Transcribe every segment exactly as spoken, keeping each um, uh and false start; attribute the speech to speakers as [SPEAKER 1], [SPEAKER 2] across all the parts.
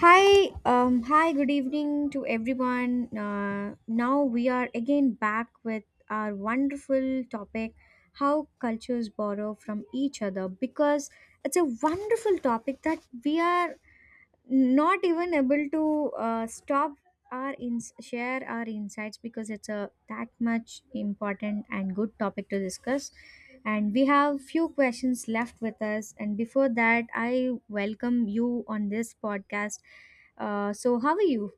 [SPEAKER 1] Hi, um, hi, good evening to everyone. Uh, now we are again back with our wonderful topic, how cultures borrow from each other, because it's a wonderful topic that we are not even able to uh, stop our ins- share our insights, because it's a that much important and good topic to discuss. And we have few questions left with us, and before that I welcome you on this podcast. Uh, so how are you?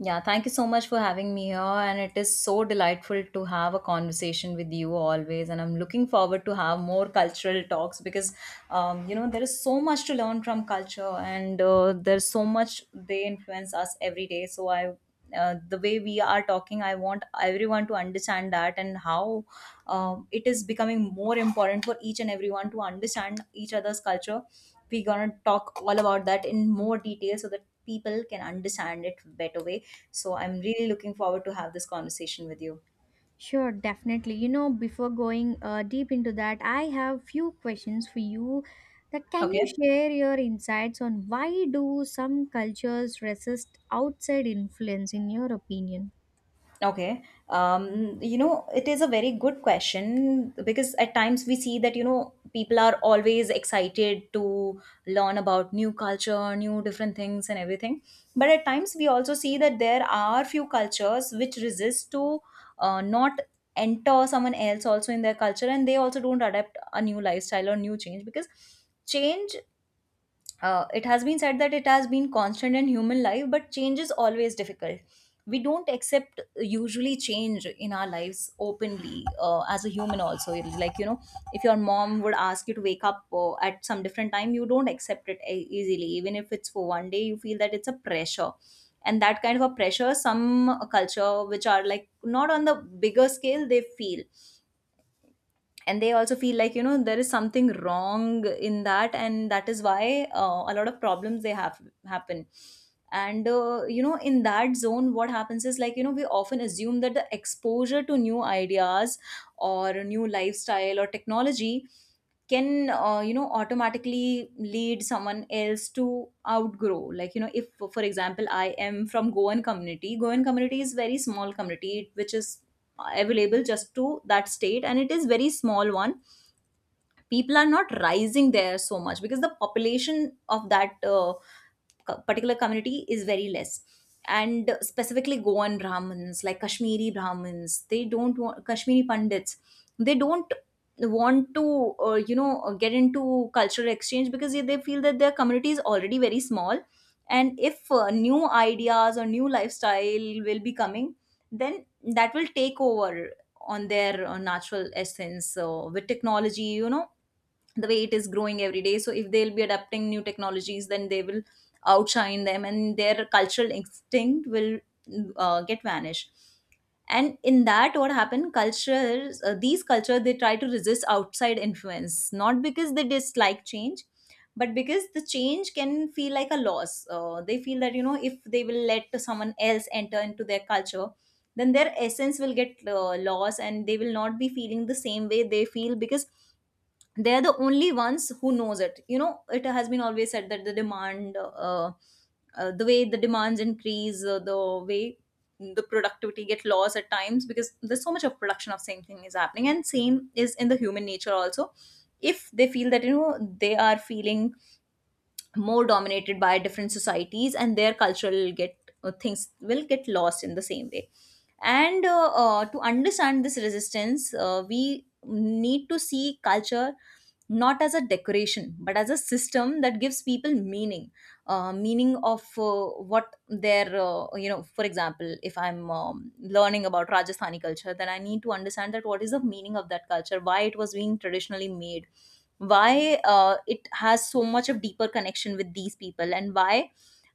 [SPEAKER 2] Yeah, thank you so much for having me here. And it is so delightful to have a conversation with you always. And I'm looking forward to have more cultural talks because, um, you know, there is so much to learn from culture and uh, there's so much they influence us every day. So I uh, The way we are talking, I want everyone to understand that, and how um, it is becoming more important for each and everyone to understand each other's culture. We're gonna talk all about that in more detail so that people can understand it better way. So I'm really looking forward to have this conversation with you.
[SPEAKER 1] Sure, definitely. You know, before going uh, deep into that, I have few questions for you. That, can you
[SPEAKER 2] Okay.
[SPEAKER 1] share your insights on why do some cultures resist outside influence in your opinion?
[SPEAKER 2] Okay. Um, you know, it is a very good question because at times we see that, you know, people are always excited to learn about new culture, new different things and everything. But at times we also see that there are few cultures which resist to, uh, not enter someone else also in their culture, and they also don't adapt a new lifestyle or new change. Because change, uh, it has been said that it has been constant in human life, but change is always difficult. We don't accept usually change in our lives openly uh, as a human, also. It's like, you know, if your mom would ask you to wake up uh, at some different time, you don't accept it e- easily. Even if it's for one day, you feel that it's a pressure. And that kind of a pressure, some culture which are like not on the bigger scale, they feel, and they also feel like, you know there is something wrong in that, and that is why uh, a lot of problems they have happen. And uh, you know in that zone what happens is, like, you know we often assume that the exposure to new ideas or a new lifestyle or technology can, uh, you know automatically lead someone else to outgrow. Like, you know if for example I am from Goan community. Goan community is very small community, which is available just to that state, and it is very small one. People are not rising there so much because the population of that uh, co- particular community is very less. And specifically Goan Brahmins, like Kashmiri Brahmins, they don't want Kashmiri Pandits. They don't want to, uh, you know get into cultural exchange because they feel that their community is already very small. And if uh, new ideas or new lifestyle will be coming, then that will take over on their uh, natural essence. So with technology, you know, the way it is growing every day, so if they'll be adapting new technologies, then they will outshine them, and their cultural instinct will uh, get vanished. And in that what happened, cultures, uh, these cultures, they try to resist outside influence not because they dislike change, but because the change can feel like a loss. Uh, they feel that, you know, if they will let someone else enter into their culture, then their essence will get uh, lost, and they will not be feeling the same way they feel, because they're the only ones who knows it. You know, it has been always said that the demand, uh, uh, the way the demands increase, uh, the way the productivity get lost at times, because there's so much of production of same thing is happening, and same is in the human nature also. If they feel that, you know, they are feeling more dominated by different societies, and their cultural get, uh, things will get lost in the same way. And uh, uh, to understand this resistance, uh, we need to see culture not as a decoration but as a system that gives people meaning. Uh, meaning of, uh, what their, uh, you know for example if I'm um, learning about Rajasthani culture, then I need to understand that what is the meaning of that culture, why it was being traditionally made, why uh, it has so much of deeper connection with these people, and why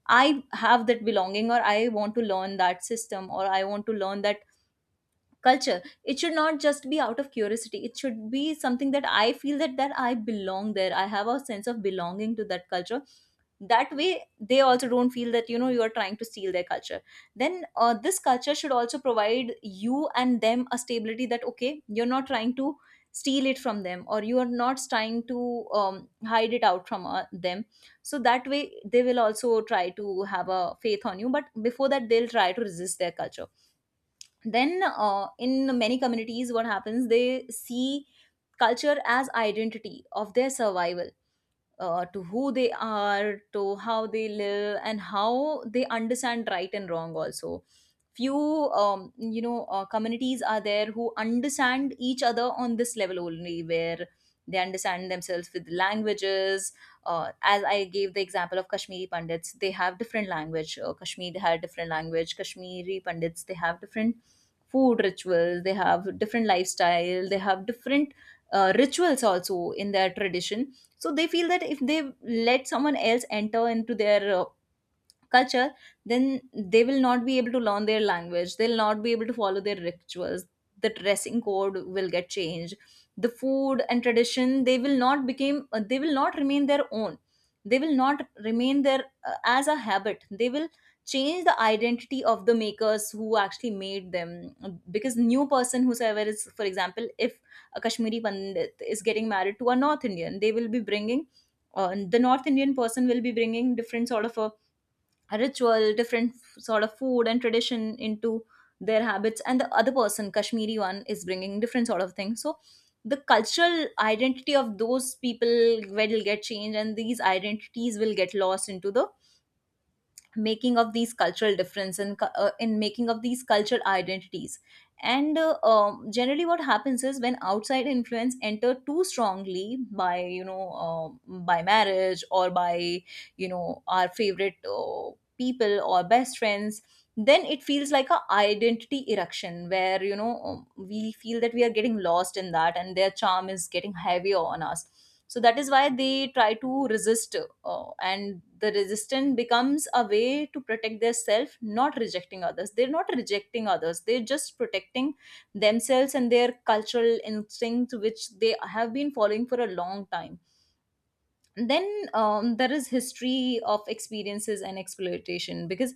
[SPEAKER 2] I have that belonging, or I want to learn that system, or I want to learn that culture. It should not just be out of curiosity. It should be something that I feel that, that I belong there, I have a sense of belonging to that culture. That way they also don't feel that, you know, you are trying to steal their culture. Then uh, this culture should also provide you and them a stability, that okay, you're not trying to steal it from them, or you are not trying to um, hide it out from uh, them. So that way they will also try to have a faith on you, but before that they'll try to resist their culture. Then uh, in many communities what happens, they see culture as identity of their survival, uh, to who they are, to how they live, and how they understand right and wrong. Also, few um, you know uh, communities are there who understand each other on this level only, where they understand themselves with languages. Uh, as I gave the example of Kashmiri Pandits, they have different language. Uh, Kashmir had different language. Kashmiri Pandits, they have different food rituals. They have different lifestyle. They have different uh, rituals also in their tradition. So they feel that if they let someone else enter into their, uh, culture, then they will not be able to learn their language, they'll not be able to follow their rituals, the dressing code will get changed, the food and tradition they will not become uh, they will not remain their own, they will not remain there uh, as a habit, they will change the identity of the makers who actually made them. Because new person whosoever is, for example, if a Kashmiri Pandit is getting married to a North Indian, they will be bringing, uh, the North Indian person will be bringing different sort of a ritual, different f- sort of food and tradition into their habits, and the other person Kashmiri one is bringing different sort of things. So the cultural identity of those people will get changed, and these identities will get lost into the making of these cultural difference, and cu- uh, in making of these cultural identities. And uh, um, generally what happens is when outside influence enter too strongly by, you know uh, by marriage, or by you know our favorite uh, people or best friends, then it feels like a identity eruption, where you know um, we feel that we are getting lost in that, and their charm is getting heavier on us. So that is why they try to resist. Oh, and the resistance becomes a way to protect their self, not rejecting others. They're not rejecting others. They're just protecting themselves and their cultural instinct, which they have been following for a long time. And then um, there is history of experiences and exploitation. Because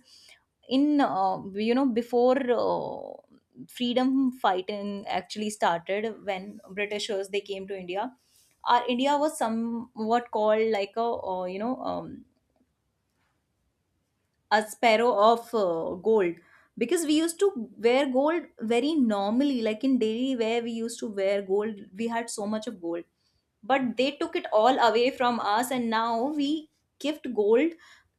[SPEAKER 2] in, uh, you know before uh, freedom fighting actually started, when Britishers they came to India, our India was somewhat called like a, uh, you know. Um, a sparrow of uh, gold, because we used to wear gold very normally, like in daily wear we used to wear gold, we had so much of gold. But they took it all away from us, and now we gift gold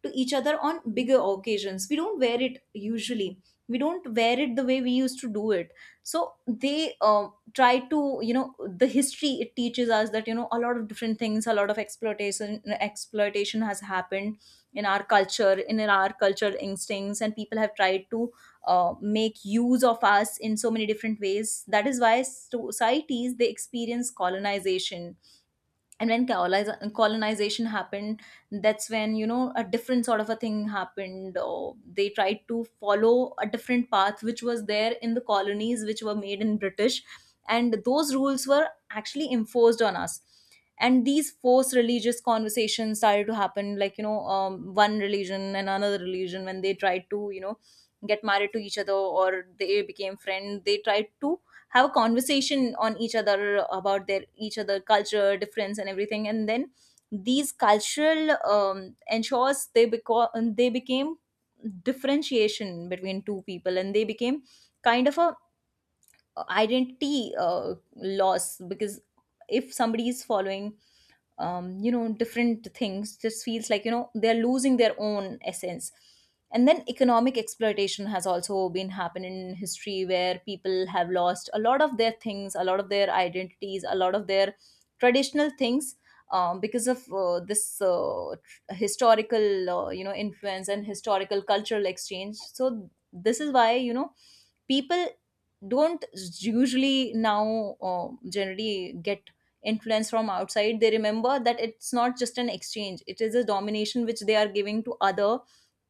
[SPEAKER 2] to each other on bigger occasions, we don't wear it usually, we don't wear it the way we used to do it. So they uh, try to, you know, the history, it teaches us that, you know, a lot of different things, a lot of exploitation, exploitation has happened in our culture, in our cultural instincts, and people have tried to uh, make use of us in so many different ways. That is why so-, societies they experience colonization. And when coloniz- colonization happened, that's when, you know, a different sort of a thing happened, or they tried to follow a different path, which was there in the colonies which were made in British. And those rules were actually enforced on us, and these forced religious conversations started to happen. Like, you know, um, one religion and another religion when they tried to, you know get married to each other, or they became friends, they tried to have a conversation on each other about their each other culture difference and everything. And then these cultural um, ensures, they become they became differentiation between two people. And they became kind of a identity uh, loss. Because if somebody is following um, you know different things, just feels like, you know they're losing their own essence. And then economic exploitation has also been happening in history, where people have lost a lot of their things, a lot of their identities, a lot of their traditional things, um, because of uh, this uh, tr- historical uh, you know influence and historical cultural exchange. So this is why you know people don't usually now uh, generally get influence from outside. They remember that it's not just an exchange, it is a domination which they are giving to other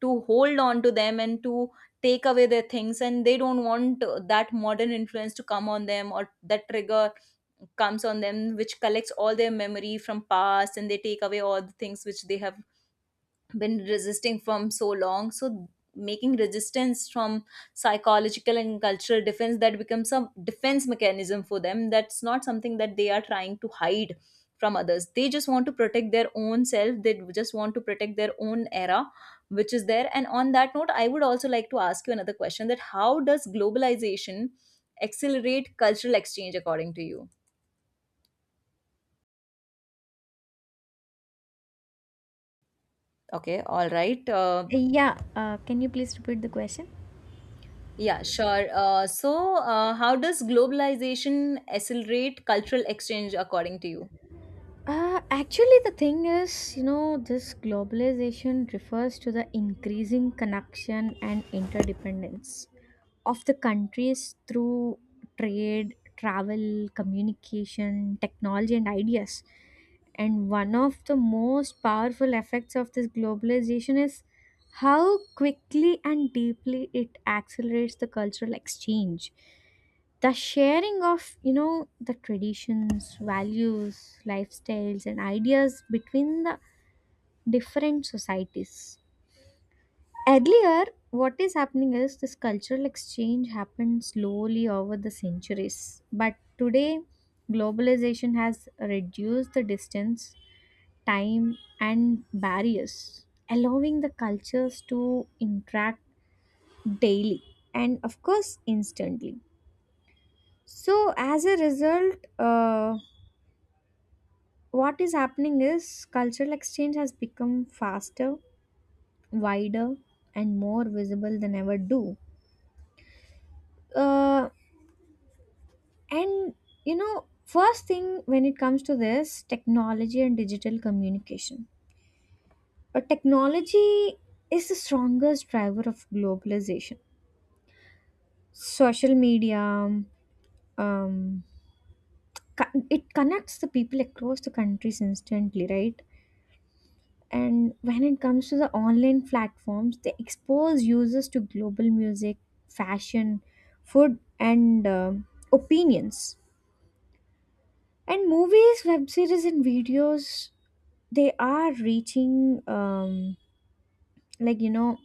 [SPEAKER 2] to hold on to them and to take away their things. And they don't want uh, that modern influence to come on them, or that trigger comes on them which collects all their memory from past, and they take away all the things which they have been resisting from so long. So making resistance from psychological and cultural defense, that becomes a defense mechanism for them. That's not something that they are trying to hide from others, they just want to protect their own self, they just want to protect their own era which is there. And on that note, I would also like to ask you another question, that how does globalization accelerate cultural exchange according to you? Okay, all right. uh,
[SPEAKER 1] Yeah, uh, can you please repeat the question?
[SPEAKER 2] Yeah, sure. Uh, so, uh, how does globalization accelerate cultural exchange according to you?
[SPEAKER 1] Uh, actually, the thing is, you know, this globalization refers to the increasing connection and interdependence of the countries through trade, travel, communication, technology, and ideas. And one of the most powerful effects of this globalization is how quickly and deeply it accelerates the cultural exchange. The sharing of, you know, the traditions, values, lifestyles, and ideas between the different societies. Earlier, what is happening is this cultural exchange happened slowly over the centuries. But today, globalization has reduced the distance, time, and barriers, allowing the cultures to interact daily and, of course, instantly. So, as a result, uh, what is happening is cultural exchange has become faster, wider, and more visible than ever do. Uh, And you know, first thing when it comes to this technology and digital communication, but technology is the strongest driver of globalization. Social media, um, co- it connects the people across the countries instantly, right? And when it comes to the online platforms, they expose users to global music, fashion, food, and um opinions. And movies, web series, and videos, they are reaching um, like you know,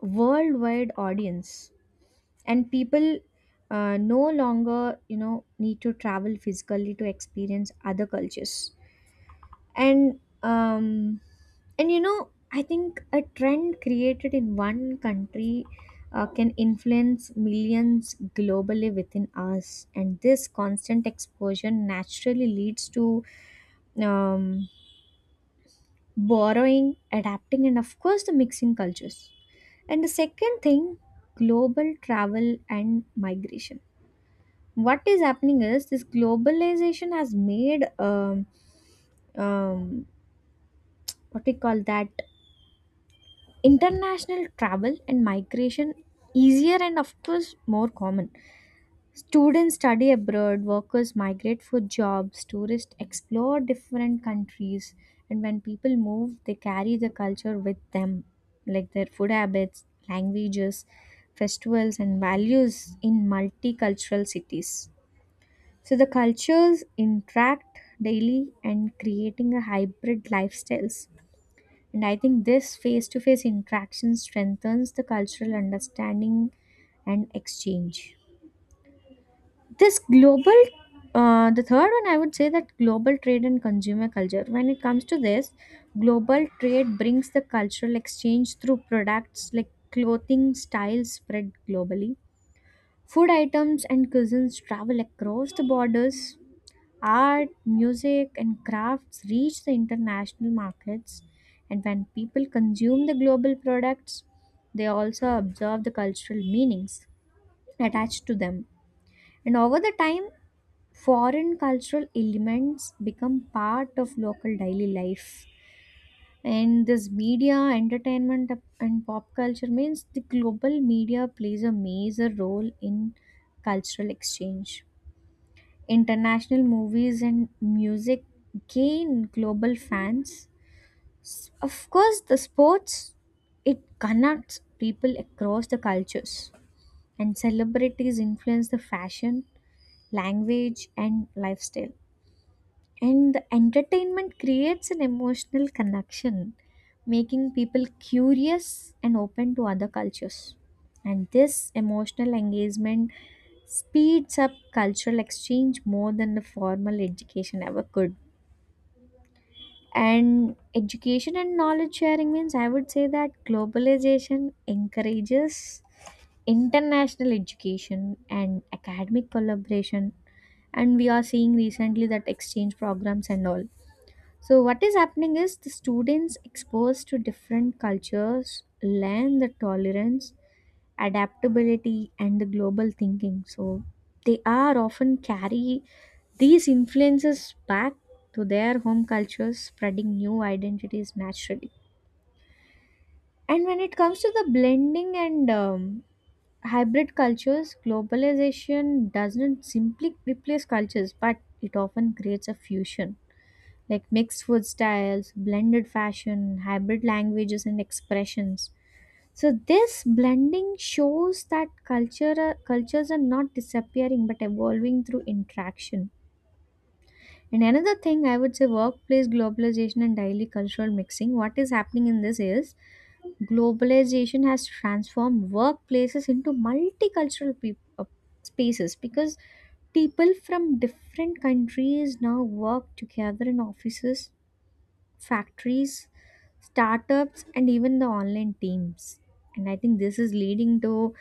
[SPEAKER 1] worldwide audience, and people uh, no longer you know need to travel physically to experience other cultures. And um, and you know, I think a trend created in one country uh, can influence millions globally within us, and this constant exposure naturally leads to um, borrowing, adapting, and of course, the mixing cultures. And the second thing, global travel and migration. What is happening is this globalization has made um, um, what we call that international travel and migration easier and of course more common. Students study abroad, workers migrate for jobs, tourists explore different countries, and when people move, they carry the culture with them, like their food habits, languages, festivals, and values in multicultural cities. So the cultures interact daily and creating a hybrid lifestyles. And I think this face to face interaction strengthens the cultural understanding and exchange. This global uh, the third one I would say that global trade and consumer culture. When it comes to this, global trade brings the cultural exchange through products, like clothing styles spread globally, food items and cuisines travel across the borders, art music and crafts reach the international markets. And when people consume the global products, they also observe the cultural meanings attached to them. And over the time, foreign cultural elements become part of local daily life. And this media entertainment and pop culture means the global media plays a major role in cultural exchange. International movies and music gain global fans. S- of course, the sports, it connects people across the cultures. And celebrities influence the fashion, language and lifestyle. And the entertainment creates an emotional connection, making people curious and open to other cultures. And this emotional engagement speeds up cultural exchange more than the formal education ever could. And education and knowledge sharing means I would say that globalization encourages international education and academic collaboration. And we are seeing recently that exchange programs and all. So what is happening is the students exposed to different cultures learn the tolerance, adaptability and the global thinking. So they are often carry these influences back to their home cultures, spreading new identities naturally. And when it comes to the blending and um, hybrid cultures, globalization doesn't simply replace cultures but it often creates a fusion, like mixed food styles, blended fashion, hybrid languages and expressions. So this blending shows that culture cultures are not disappearing but evolving through interaction. And another thing I would say, workplace globalization and daily cultural mixing. What is happening in this is globalization has transformed workplaces into multicultural peop uh, spaces, because people from different countries now work together in offices, factories, startups, and even the online teams. And I think this is leading to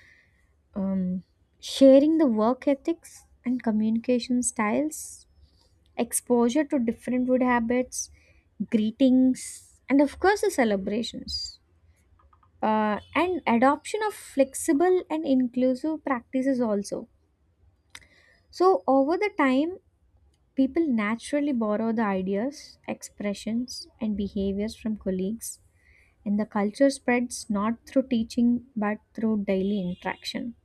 [SPEAKER 1] um, sharing the work ethics and communication styles, exposure to different food habits, greetings, and of course, the celebrations. Uh, and adoption of flexible and inclusive practices also. So, over the time, people naturally borrow the ideas, expressions, and behaviors from colleagues. And the culture spreads not through teaching but through daily interaction.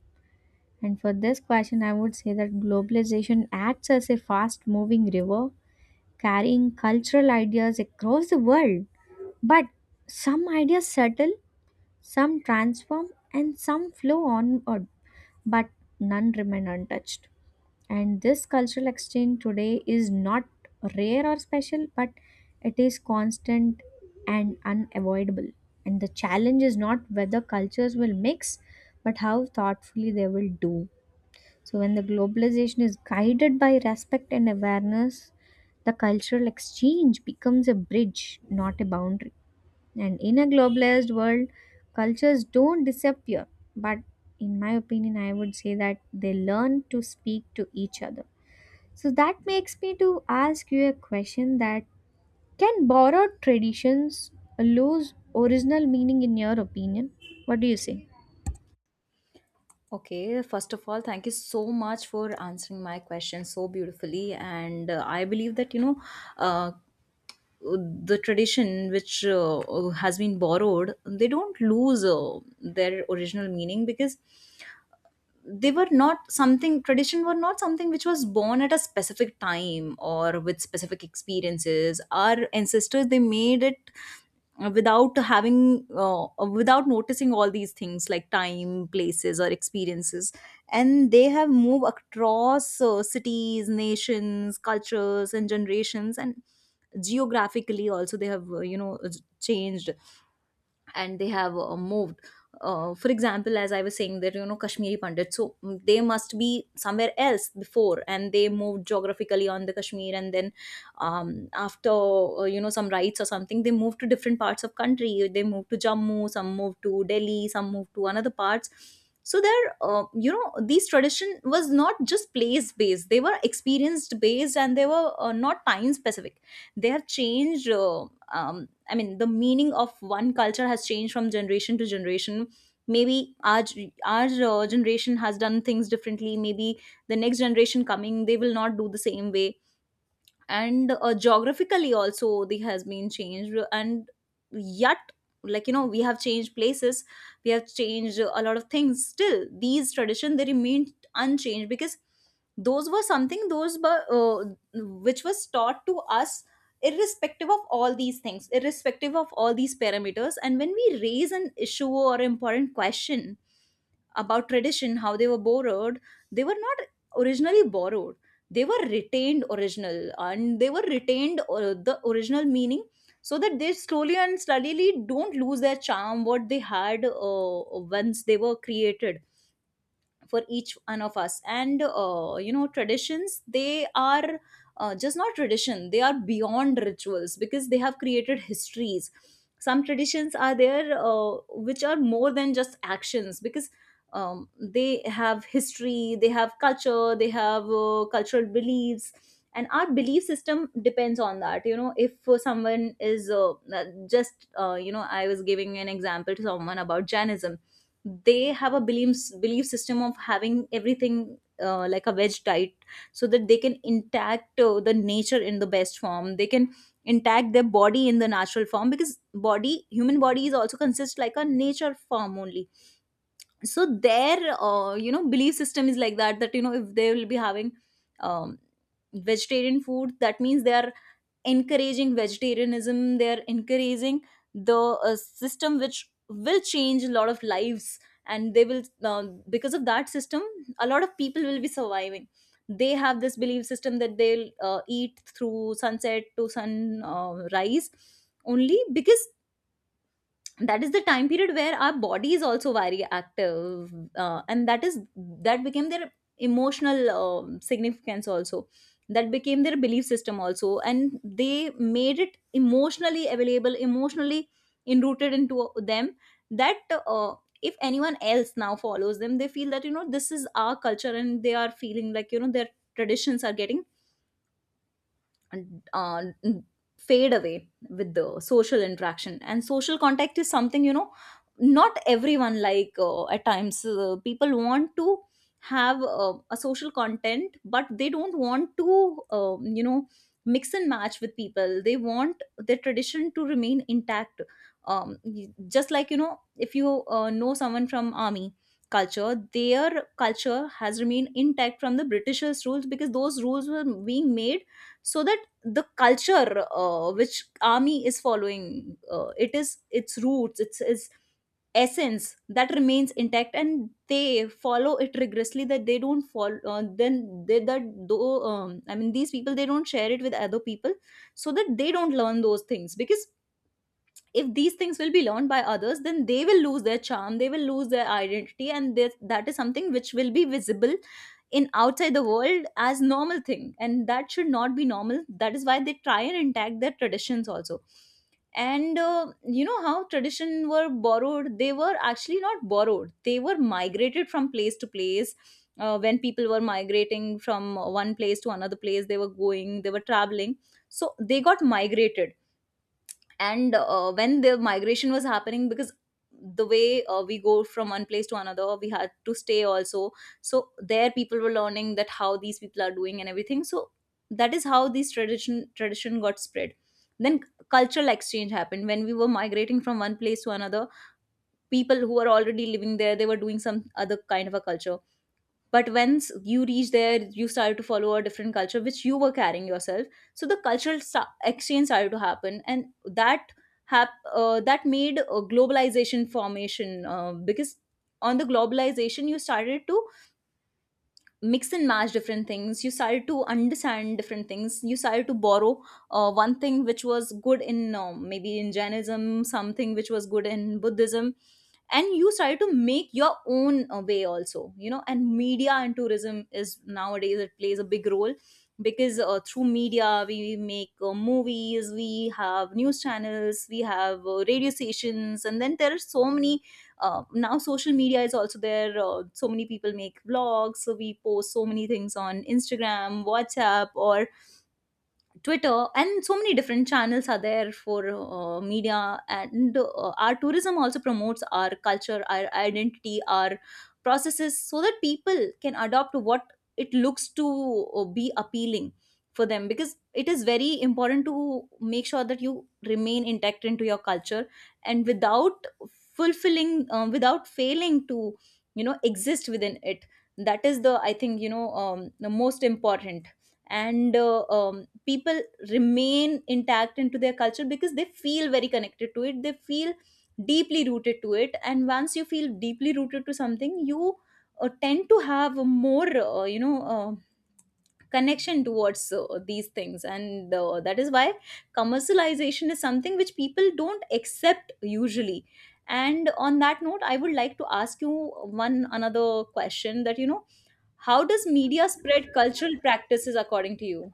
[SPEAKER 1] And for this question, I would say that globalization acts as a fast moving river carrying cultural ideas across the world. But some ideas settle, some transform, and some flow onward, but none remain untouched. And this cultural exchange today is not rare or special, but it is constant and unavoidable. And the challenge is not whether cultures will mix, but how thoughtfully they will do. So, when the globalization is guided by respect and awareness, the cultural exchange becomes a bridge, not a boundary. And in a globalized world, cultures don't disappear. But in my opinion, I would say that they learn to speak to each other. So that makes me to ask you a question, that can borrowed traditions lose original meaning in your opinion? What do you say?
[SPEAKER 2] Okay, first of all, thank you so much for answering my question so beautifully. And uh, I believe that, you know, uh, the tradition which uh, has been borrowed, they don't lose uh, their original meaning, because they were not something, tradition were not something which was born at a specific time or with specific experiences. Our ancestors, they made it uh, without having, uh, without noticing all these things like time, places, or experiences. And they have moved across uh, cities, nations, cultures, and generations. And geographically also, they have, uh, you know, changed. And they have uh, moved, uh, for example, as I was saying that, you know, Kashmiri Pandits. So mm, they must be somewhere else before, and they moved geographically on the Kashmir. And then um, after, uh, you know, some rights or something, they moved to different parts of country, they moved to Jammu, some moved to Delhi, some moved to another parts. So there, uh, you know, these tradition was not just place based, they were experienced based, and they were uh, not time specific. They have changed, uh, um, I mean the meaning of one culture has changed from generation to generation. Maybe our our uh, generation has done things differently. Maybe the next generation coming, they will not do the same way. And uh, geographically also, they has been changed. And yet, like you know, we have changed places, we have changed a lot of things, still these tradition, they remain unchanged, because those were something, those were, uh, which was taught to us irrespective of all these things, irrespective of all these parameters. And when we raise an issue or important question about tradition, how they were borrowed, they were not originally borrowed. They were retained original, and they were retained, uh, the original meaning, so that they slowly and steadily don't lose their charm what they had, uh, once they were created for each one of us. And uh, you know, traditions, they are, uh, just not tradition, they are beyond rituals because they have created histories. Some traditions are there, uh, which are more than just actions, because um, they have history, they have culture, they have uh, cultural beliefs. And our belief system depends on that. You know, if uh, someone is, uh, uh, just uh, you know, I was giving an example to someone about Jainism. They have a beliefs belief system of having everything uh, like a veg diet, so that they can intact uh, the nature in the best form, they can intact their body in the natural form, because body, human body, is also consists like a nature form only. So their, uh, you know, belief system is like that, that you know, if they will be having um, vegetarian food, that means they are encouraging vegetarianism, they are encouraging the uh, system which will change a lot of lives. And they will, uh, because of that system, a lot of people will be surviving. They have this belief system that they'll uh, eat through sunset to sunrise, uh, rise only because that is the time period where our body is also very active. Uh, and that is, that became their emotional um, significance also, that became their belief system also, and they made it emotionally available, emotionally enrooted into them, that uh, if anyone else now follows them, they feel that, you know, this is our culture. And they are feeling like, you know, their traditions are getting and, uh, fade away with the social interaction. And social contact is something, you know, not everyone like, uh, at times, uh, people want to have uh, a social content, but they don't want to, um, you know, mix and match with people. They want their tradition to remain intact. Um, y- just like, you know, if you uh, know someone from army culture, their culture has remained intact from the britishers rules, because those rules were being made so that the culture, uh, which army is following, uh, it is its roots, its, its essence, that remains intact. And they follow it rigorously, that they don't follow, uh, then they that, though, um, I mean, these people they don't share it with other people so that they don't learn those things. Because if these things will be learned by others, then they will lose their charm, they will lose their identity, and this, that is something which will be visible in outside the world as normal thing, and that should not be normal. That is why they try and intact their traditions also. And uh, you know, how tradition were borrowed, they were actually not borrowed, they were migrated from place to place. Uh, when people were migrating from one place to another place, they were going, they were traveling, so they got migrated. And uh, when the migration was happening, because the way uh, we go from one place to another, we had to stay also. So there people were learning that how these people are doing and everything. So that is how this tradition tradition got spread. Then cultural exchange happened when we were migrating from one place to another. People who are already living there, they were doing some other kind of a culture. But once you reach there, you started to follow a different culture which you were carrying yourself. So the cultural sta- exchange started to happen. And that hap- uh, that made a globalization formation, uh, because on the globalization you started to mix and match different things, you started to understand different things, you started to borrow uh, one thing which was good in, um, maybe in Jainism, something which was good in Buddhism, and you started to make your own uh, way also, you know. And media and tourism is, nowadays it plays a big role, because uh, through media we make uh, movies, we have news channels, we have uh, radio stations, and then there are so many, uh, now social media is also there, uh, so many people make vlogs, so we post so many things on Instagram, WhatsApp, or Twitter, and so many different channels are there for uh, media. And uh, our tourism also promotes our culture, our identity, our processes, so that people can adopt what it looks to uh, be appealing for them. Because it is very important to make sure that you remain intact into your culture, and without fulfilling, um, without failing to, you know, exist within it. That is the, I think, you know, um, the most important. And uh, um, people remain intact into their culture because they feel very connected to it, they feel deeply rooted to it. And once you feel deeply rooted to something, you uh, tend to have a more uh, you know uh, connection towards uh, these things. And uh, that is why commercialization is something which people don't accept usually. And on that note, I would like to ask you one another question, that you know, how does media spread cultural practices according to you?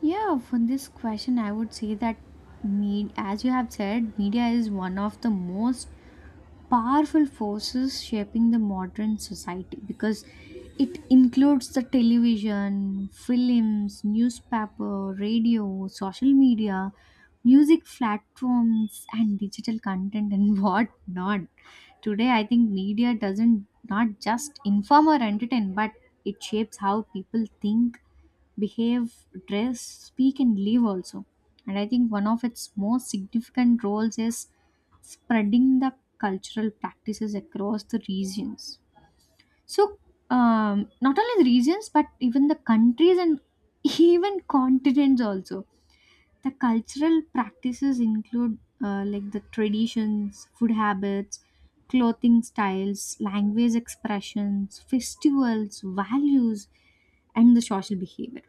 [SPEAKER 1] Yeah, for this question, I would say that med- as you have said, media is one of the most powerful forces shaping the modern society, because it includes the television, films, newspaper, radio, social media, music platforms, and digital content and what not. Today, I think media doesn't not just inform or entertain, but it shapes how people think, behave, dress, speak, and live also. And I think one of its most significant roles is spreading the cultural practices across the regions. So, um, not only the regions, but even the countries and even continents also. The cultural practices include uh, like the traditions, food habits, clothing styles, language expressions, festivals, values, and the social behavior.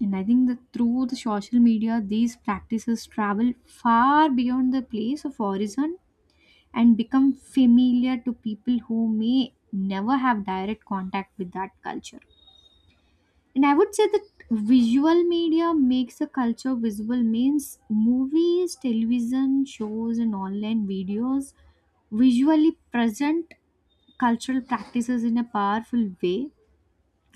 [SPEAKER 1] And I think that through the social media, these practices travel far beyond the place of origin and become familiar to people who may never have direct contact with that culture. And I would say that visual media makes a culture visible means movies, television shows, and online videos visually present cultural practices in a powerful way,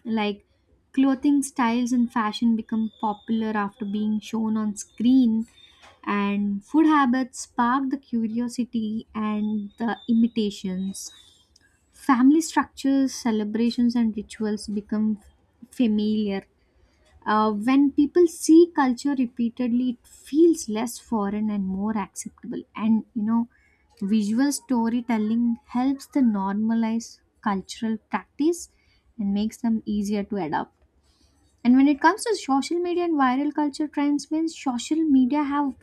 [SPEAKER 1] like clothing styles and fashion become popular after being shown on screen, and food habits spark the curiosity and the imitations, family structures, celebrations and rituals become familiar. Uh, when people see culture repeatedly, it feels less foreign and more acceptable. And you know, visual storytelling helps to normalize cultural practice and makes them easier to adopt. And when it comes to social media and viral culture trends, means social media have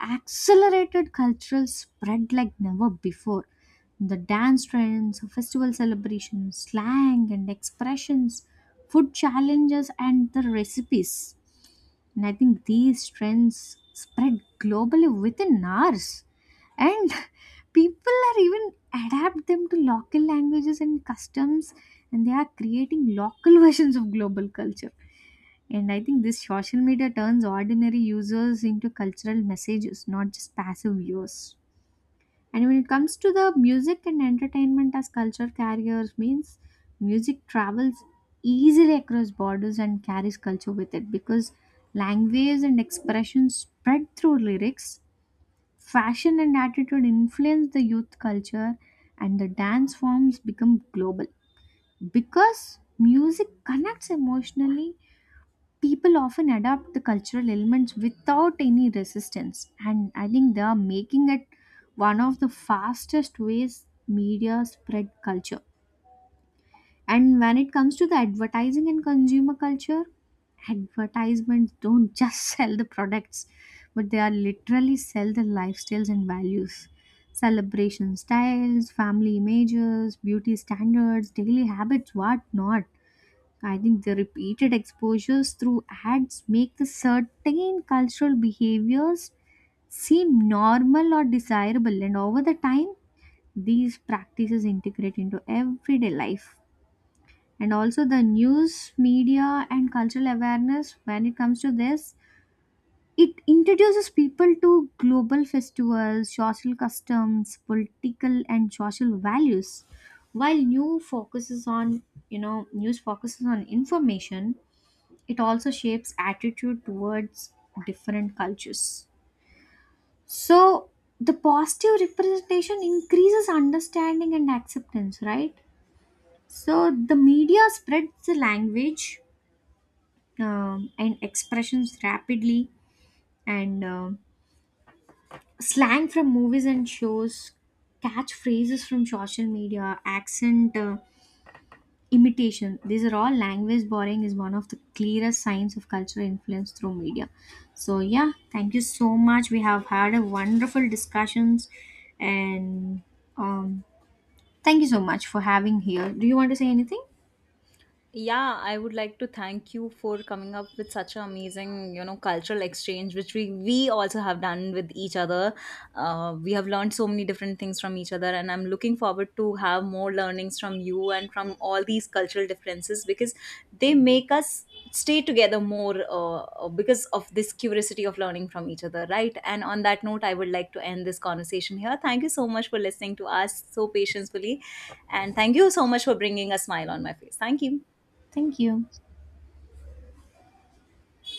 [SPEAKER 1] accelerated cultural spread like never before. The dance trends, festival celebrations, slang and expressions, food challenges, and the recipes. And I think these trends spread globally within hours. And people are even adapt them to local languages and customs, and they are creating local versions of global culture. And I think this social media turns ordinary users into cultural messages, not just passive viewers. And when it comes to the music and entertainment as culture carriers, means music travels easily across borders and carries culture with it, because language and expression spread through lyrics, fashion and attitude influence the youth culture, and the dance forms become global. Because music connects emotionally, people often adapt the cultural elements without any resistance, and I think they are making it one of the fastest ways media spread culture. And when it comes to the advertising and consumer culture, advertisements don't just sell the products, but they are literally sell the lifestyles and values, celebration styles, family images, beauty standards, daily habits, what not. I think the repeated exposures through ads make the certain cultural behaviors seem normal or desirable, and over the time, these practices integrate into everyday life. And also, the news, media, and cultural awareness. When it comes to this, it introduces people to global festivals, social customs, political, and social values. While new focuses on, you know, news focuses on information, it also shapes attitude towards different cultures. So the positive representation increases understanding and acceptance, right? So the media spreads the language um, and expressions rapidly. And um slang from movies and shows, catchphrases from social media, accent uh, imitation, these are all language borrowing is one of the clearest signs of cultural influence through media. So yeah, thank you so much, we have had a wonderful discussions. And um thank you so much for having here. Do you want to say anything?
[SPEAKER 2] Yeah, I would like to thank you for coming up with such an amazing, you know, cultural exchange which we we also have done with each other. Uh, we have learned so many different things from each other, and I'm looking forward to have more learnings from you and from all these cultural differences, because they make us stay together more, uh, because of this curiosity of learning from each other, right? And on that note, I would like to end this conversation here. Thank you so much for listening to us so patiently, and thank you so much for bringing a smile on my face. Thank you.
[SPEAKER 1] Thank you.